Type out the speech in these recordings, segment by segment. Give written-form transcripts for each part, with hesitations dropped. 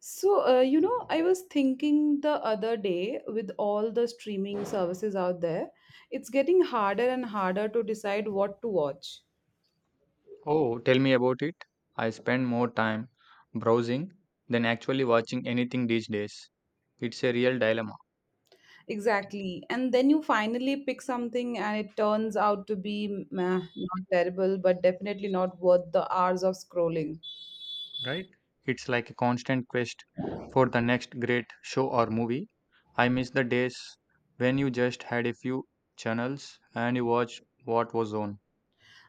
So, I was thinking the other day with all the streaming services out there, it's getting harder and harder to decide what to watch. Oh, tell me about it. I spend more time browsing than actually watching anything these days. It's a real dilemma, Exactly. And then you finally pick something and it turns out to be meh, not terrible, but definitely not worth the hours of scrolling. right? It's like a constant quest for the next great show or movie. I miss the days when you just had a few channels and you watched what was on.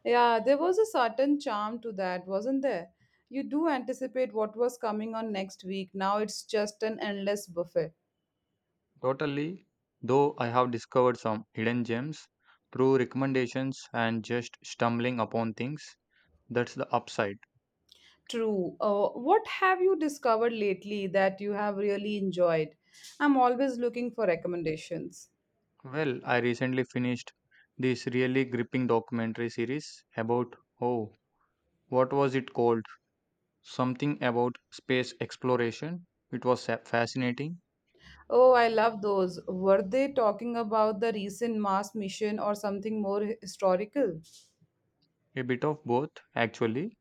Yeah, there was a certain charm to that, wasn't there? You do anticipate what was coming on next week. Now it's just an endless buffet. Totally, though I have discovered some hidden gems through recommendations and just stumbling upon things. That's the upside. True. What have you discovered lately that you have really enjoyed? I'm always looking for recommendations. Well, I recently finished this really gripping documentary series about, oh, what was it called? Something about space exploration. It was fascinating, Oh, I love those. Were they talking about the recent Mars mission or something more historical? a bit of both, actually.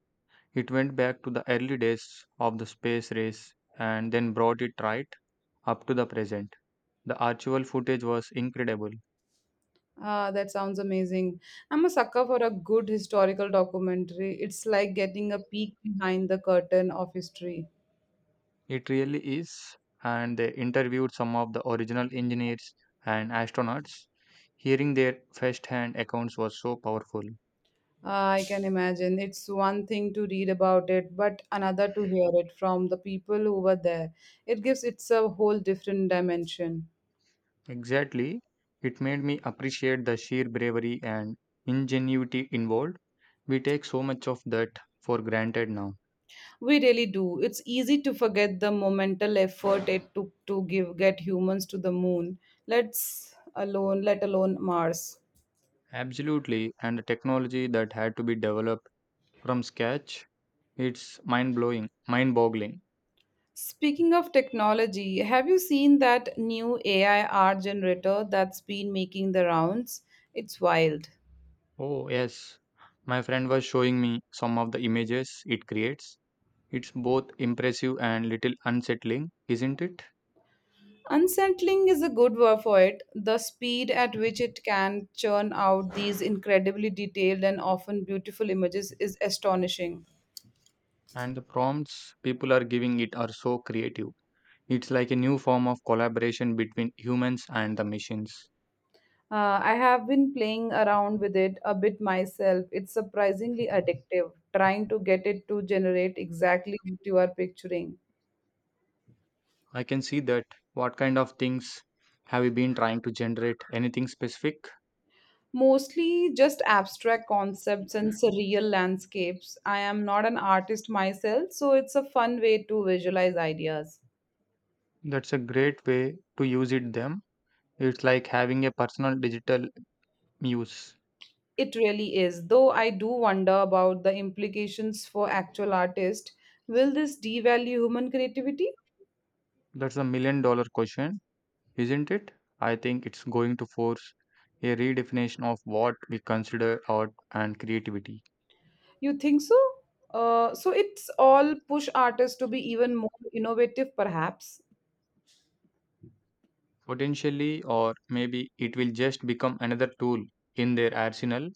It went back to the early days of the space race and then brought it right up to the present. The archival footage was incredible. Ah, that sounds amazing. I'm a sucker for a good historical documentary. It's like getting a peek behind the curtain of history. It really is. And they interviewed some of the original engineers and astronauts. Hearing their first-hand accounts was so powerful. I can imagine. It's one thing to read about it, but another to hear it from the people who were there. It's a whole different dimension. Exactly. It made me appreciate the sheer bravery and ingenuity involved. We take so much of that for granted now. We really do. It's easy to forget the monumental effort it took to give get humans to the moon. Let alone Mars. Absolutely. And the technology that had to be developed from scratch, it's mind-blowing, mind-boggling. Speaking of technology, have you seen that new AI art generator that's been making the rounds? It's wild. Oh, yes. My friend was showing me some of the images it creates. It's both impressive and little unsettling, isn't it? Unsettling is a good word for it. The speed at which it can churn out these incredibly detailed and often beautiful images is astonishing. And the prompts people are giving it are so creative. It's like a new form of collaboration between humans and the machines. I have been playing around with it a bit myself. It's surprisingly addictive, trying to get it to generate exactly what you are picturing. I can see that. What kind of things have you been trying to generate? Anything specific? Mostly just abstract concepts and surreal landscapes. I am not an artist myself, so it's a fun way to visualize ideas. That's a great way to use it them. It's like having a personal digital muse. It really is, though I do wonder about the implications for actual artists. Will this devalue human creativity? That's a million dollar question, isn't it? I think it's going to force a redefinition of what we consider art and creativity. You think so? So it's all push artists to be even more innovative, perhaps. Potentially, or maybe it will just become another tool in their arsenal,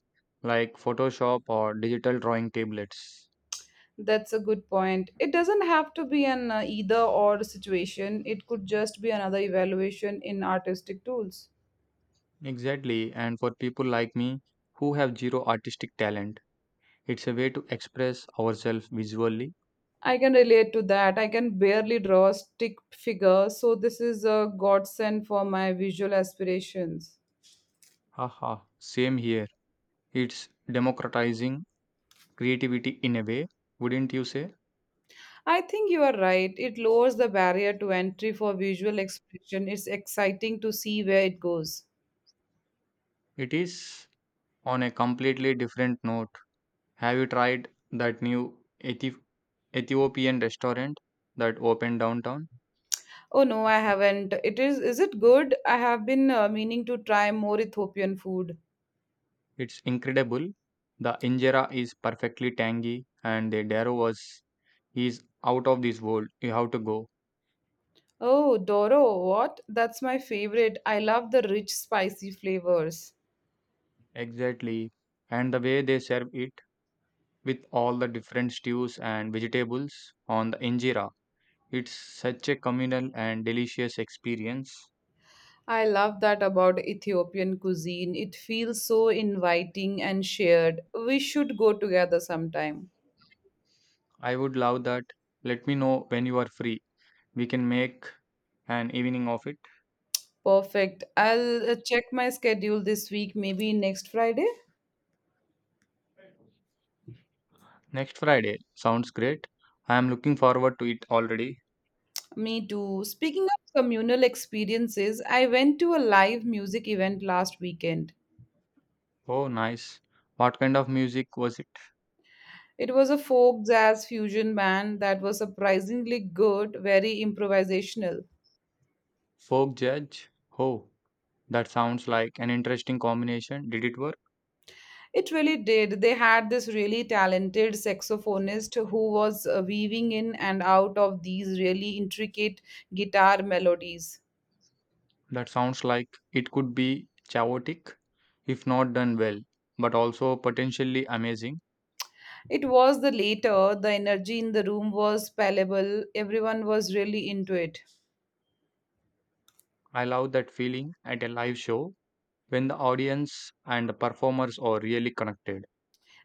like photoshop or digital drawing tablets. That's a good point. It doesn't have to be an either or situation, it could just be another evaluation in artistic tools. Exactly, and for people like me who have zero artistic talent, it's a way to express ourselves visually. I can relate to that. I can barely draw a stick figure, so this is a godsend for my visual aspirations. Haha, same here. It's democratizing creativity in a way, wouldn't you say? I think you are right. It lowers the barrier to entry for visual expression. It's exciting to see where it goes. It is. On a completely different note, have you tried that new Ethi- ethiopian restaurant that opened downtown? Oh no, I haven't. It is it good? I have been meaning to try more Ethiopian food. It's incredible. The injera is perfectly tangy, and the daro was is out of this world. You have to go. Oh, Doro, what? That's my favorite. I love the rich spicy flavors. Exactly. And the way they serve it with all the different stews and vegetables on the injera, it's such a communal and delicious experience. I love that about Ethiopian cuisine. It feels so inviting and shared. We should go together sometime. I would love that. Let me know when you are free. We can make an evening of it. Perfect. I'll check my schedule this week, maybe next Friday. Next Friday. Sounds great. I am looking forward to it already. Me too. Speaking of communal experiences, I went to a live music event last weekend. Oh, nice. What kind of music was it? It was a folk jazz fusion band that was surprisingly good, very improvisational. Folk judge? Oh, that sounds like an interesting combination. Did it work? It really did. They had this really talented saxophonist who was weaving in and out of these really intricate guitar melodies. That sounds like it could be chaotic if not done well, but also potentially amazing. It was the later, the energy in the room was palpable, everyone was really into it. I love that feeling at a live show when the audience and the performers are really connected.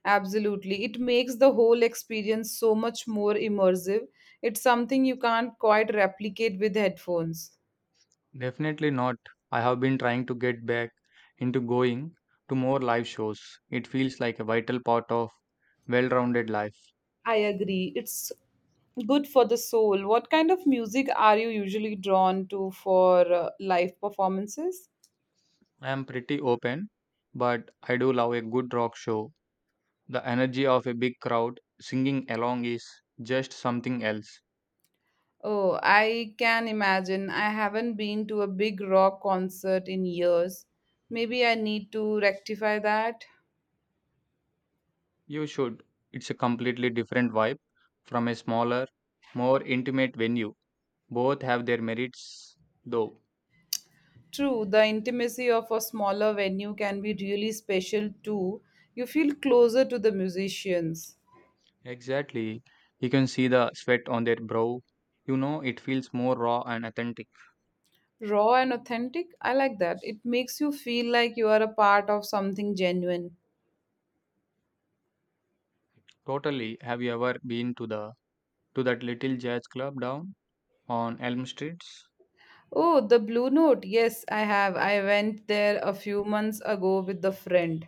Absolutely. It makes the whole experience so much more immersive. It's something you can't quite replicate with headphones. Definitely not. I have been trying to get back into going to more live shows. It feels like a vital part of well-rounded life. I agree. It's good for the soul. What kind of music are you usually drawn to for live performances? I am pretty open, but I do love a good rock show. The energy of a big crowd singing along is just something else. Oh, I can imagine. I haven't been to a big rock concert in years. Maybe I need to rectify that. You should. It's a completely different vibe from a smaller, more intimate venue. Both have their merits, though. True, the intimacy of a smaller venue can be really special too. You feel closer to the musicians. Exactly. You can see the sweat on their brow. You know, it feels more raw and authentic. Raw and authentic, I like that. It makes you feel like you are a part of something genuine. Totally. Have you ever been to the to that little jazz club down on Elm Street? Oh, the Blue Note. Yes, I have. I went there a few months ago with a friend.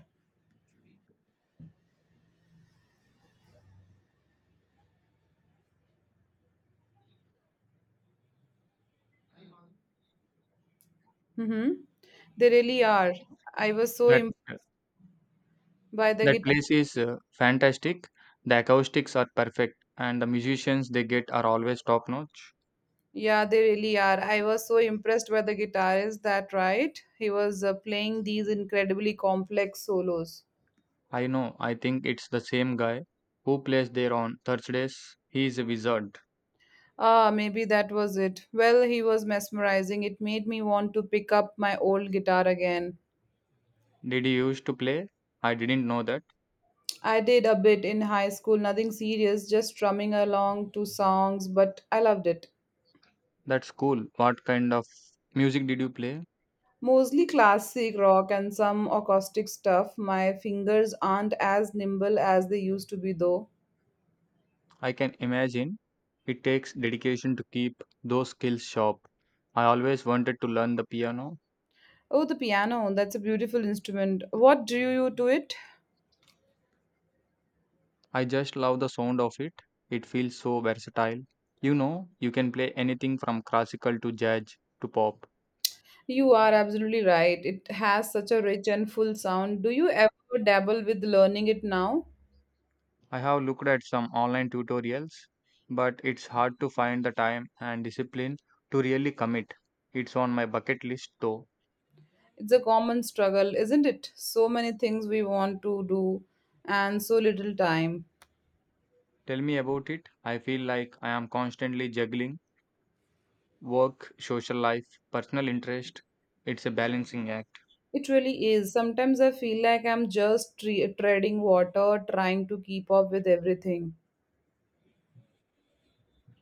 Mm-hmm. They really are. I was so That impressed by the That guitar. place is fantastic. The acoustics are perfect, and the musicians they get are always top notch. Yeah, they really are. I was so impressed by the guitarist that, right? He was playing these incredibly complex solos. I know, I think it's the same guy who plays there on Thursdays. He is a wizard. Ah, maybe that was it. Well, he was mesmerizing. It made me want to pick up my old guitar again. Did you used to play? I didn't know that. I did a bit in high school, nothing serious, just strumming along to songs, but I loved it. That's cool. What kind of music did you play? Mostly classic rock and some acoustic stuff. My fingers aren't as nimble as they used to be, though. I can imagine it takes dedication to keep those skills sharp. I always wanted to learn the piano. Oh, the piano, that's a beautiful instrument. What drew you to it? I just love the sound of it. It feels so versatile. You know, you can play anything from classical to jazz to pop. You are absolutely right. It has such a rich and full sound. Do you ever dabble with learning it now? I have looked at some online tutorials, but it's hard to find the time and discipline to really commit. It's on my bucket list though. It's a common struggle, isn't it? So many things we want to do and so little time. Tell me about it. I feel like I am constantly juggling work, social life, personal interest. It's a balancing act. It really is. Sometimes I feel like I'm just treading water, trying to keep up with everything.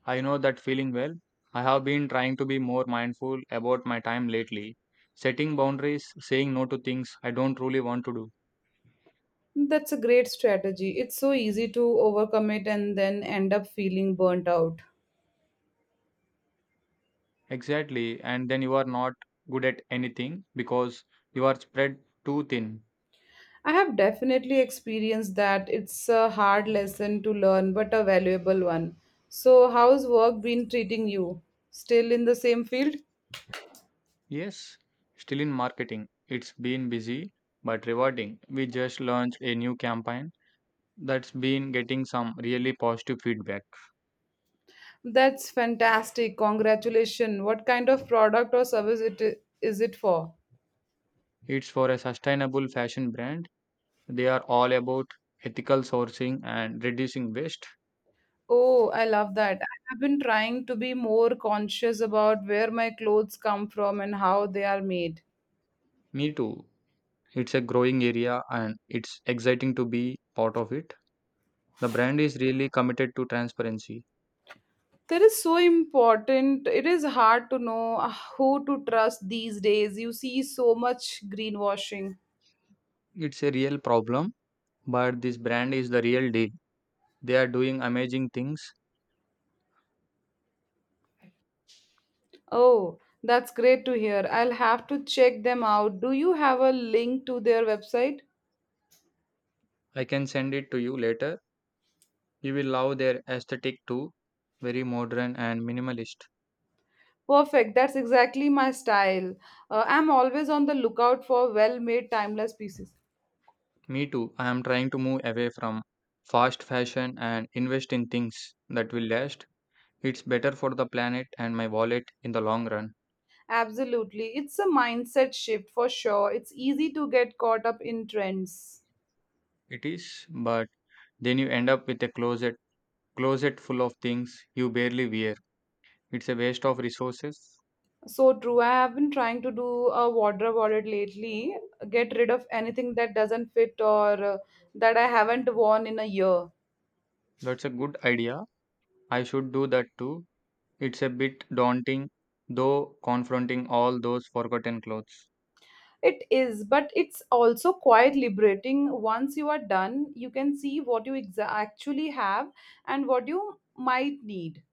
I know that feeling well. I have been trying to be more mindful about my time lately, setting boundaries, saying no to things I don't really want to do. That's a great strategy. It's so easy to overcommit and then end up feeling burnt out. Exactly, and then you are not good at anything because you are spread too thin. I have definitely experienced that. It's a hard lesson to learn, but a valuable one. So, how's work been treating you? Still in the same field? Yes, still in marketing. It's been busy but rewarding. We just launched a new campaign that's been getting some really positive feedback. That's fantastic. Congratulations. What kind of product or service is it for? It's for a sustainable fashion brand. They are all about ethical sourcing and reducing waste. Oh, I love that. I have been trying to be more conscious about where my clothes come from and how they are made. Me too. It's a growing area and it's exciting to be part of it. The brand is really committed to transparency. That is so important. It is hard to know who to trust these days. You see so much greenwashing. It's a real problem, but this brand is the real deal. They are doing amazing things. Oh, that's great to hear. I'll have to check them out. Do you have a link to their website? I can send it to you later. You will love their aesthetic too. Very modern and minimalist. Perfect. That's exactly my style. I'm always on the lookout for well made, timeless pieces. Me too. I am trying to move away from fast fashion and invest in things that will last. It's better for the planet and my wallet in the long run. Absolutely. It's a mindset shift for sure. It's easy to get caught up in trends. It is, but then you end up with a closet full of things you barely wear. It's a waste of resources. So true. I have been trying to do a wardrobe audit lately, get rid of anything that doesn't fit or that I haven't worn in a year. That's a good idea. I should do that too. It's a bit daunting, though, confronting all those forgotten clothes. It is, but it's also quite liberating. Once you are done, you can see what you actually have and what you might need.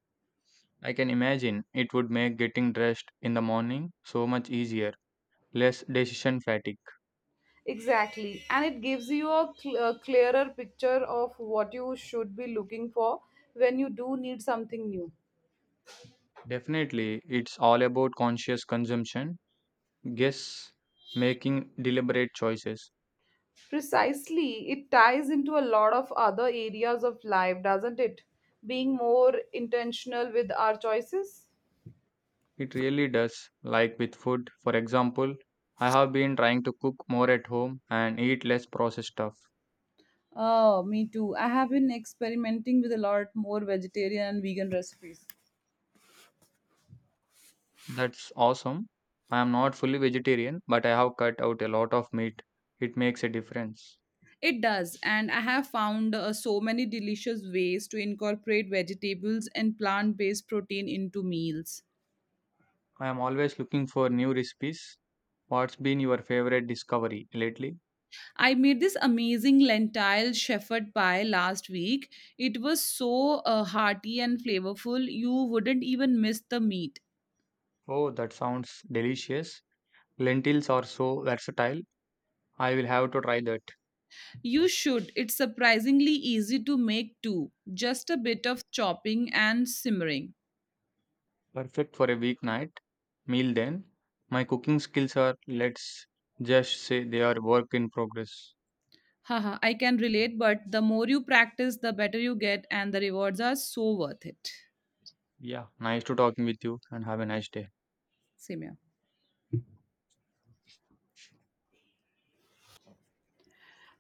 I can imagine it would make getting dressed in the morning so much easier, less decision fatigue. Exactly. And it gives you a, a clearer picture of what you should be looking for when you do need something new. Definitely, it's all about conscious consumption. Guess making deliberate choices. Precisely. It ties into a lot of other areas of life, doesn't it? Being more intentional with our choices. It really does, like with food, for example. I have been trying to cook more at home and eat less processed stuff. Oh, me too. I have been experimenting with a lot more vegetarian and vegan recipes. That's awesome. I am not fully vegetarian, but I have cut out a lot of meat. It makes a difference. It does, and I have found so many delicious ways to incorporate vegetables and plant based protein into meals. I am always looking for new recipes. What's been your favorite discovery lately? I made this amazing lentil shepherd pie last week. It was so hearty and flavorful, you wouldn't even miss the meat. Oh, that sounds delicious. Lentils are so versatile. I will have to try that. You should. It's surprisingly easy to make too. Just a bit of chopping and simmering. Perfect for a weeknight meal then. My cooking skills are, let's just say, they are work in progress. Haha, I can relate, but the more you practice, the better you get, and the rewards are so worth it. Yeah, nice to talking with you and have a nice day. Simya.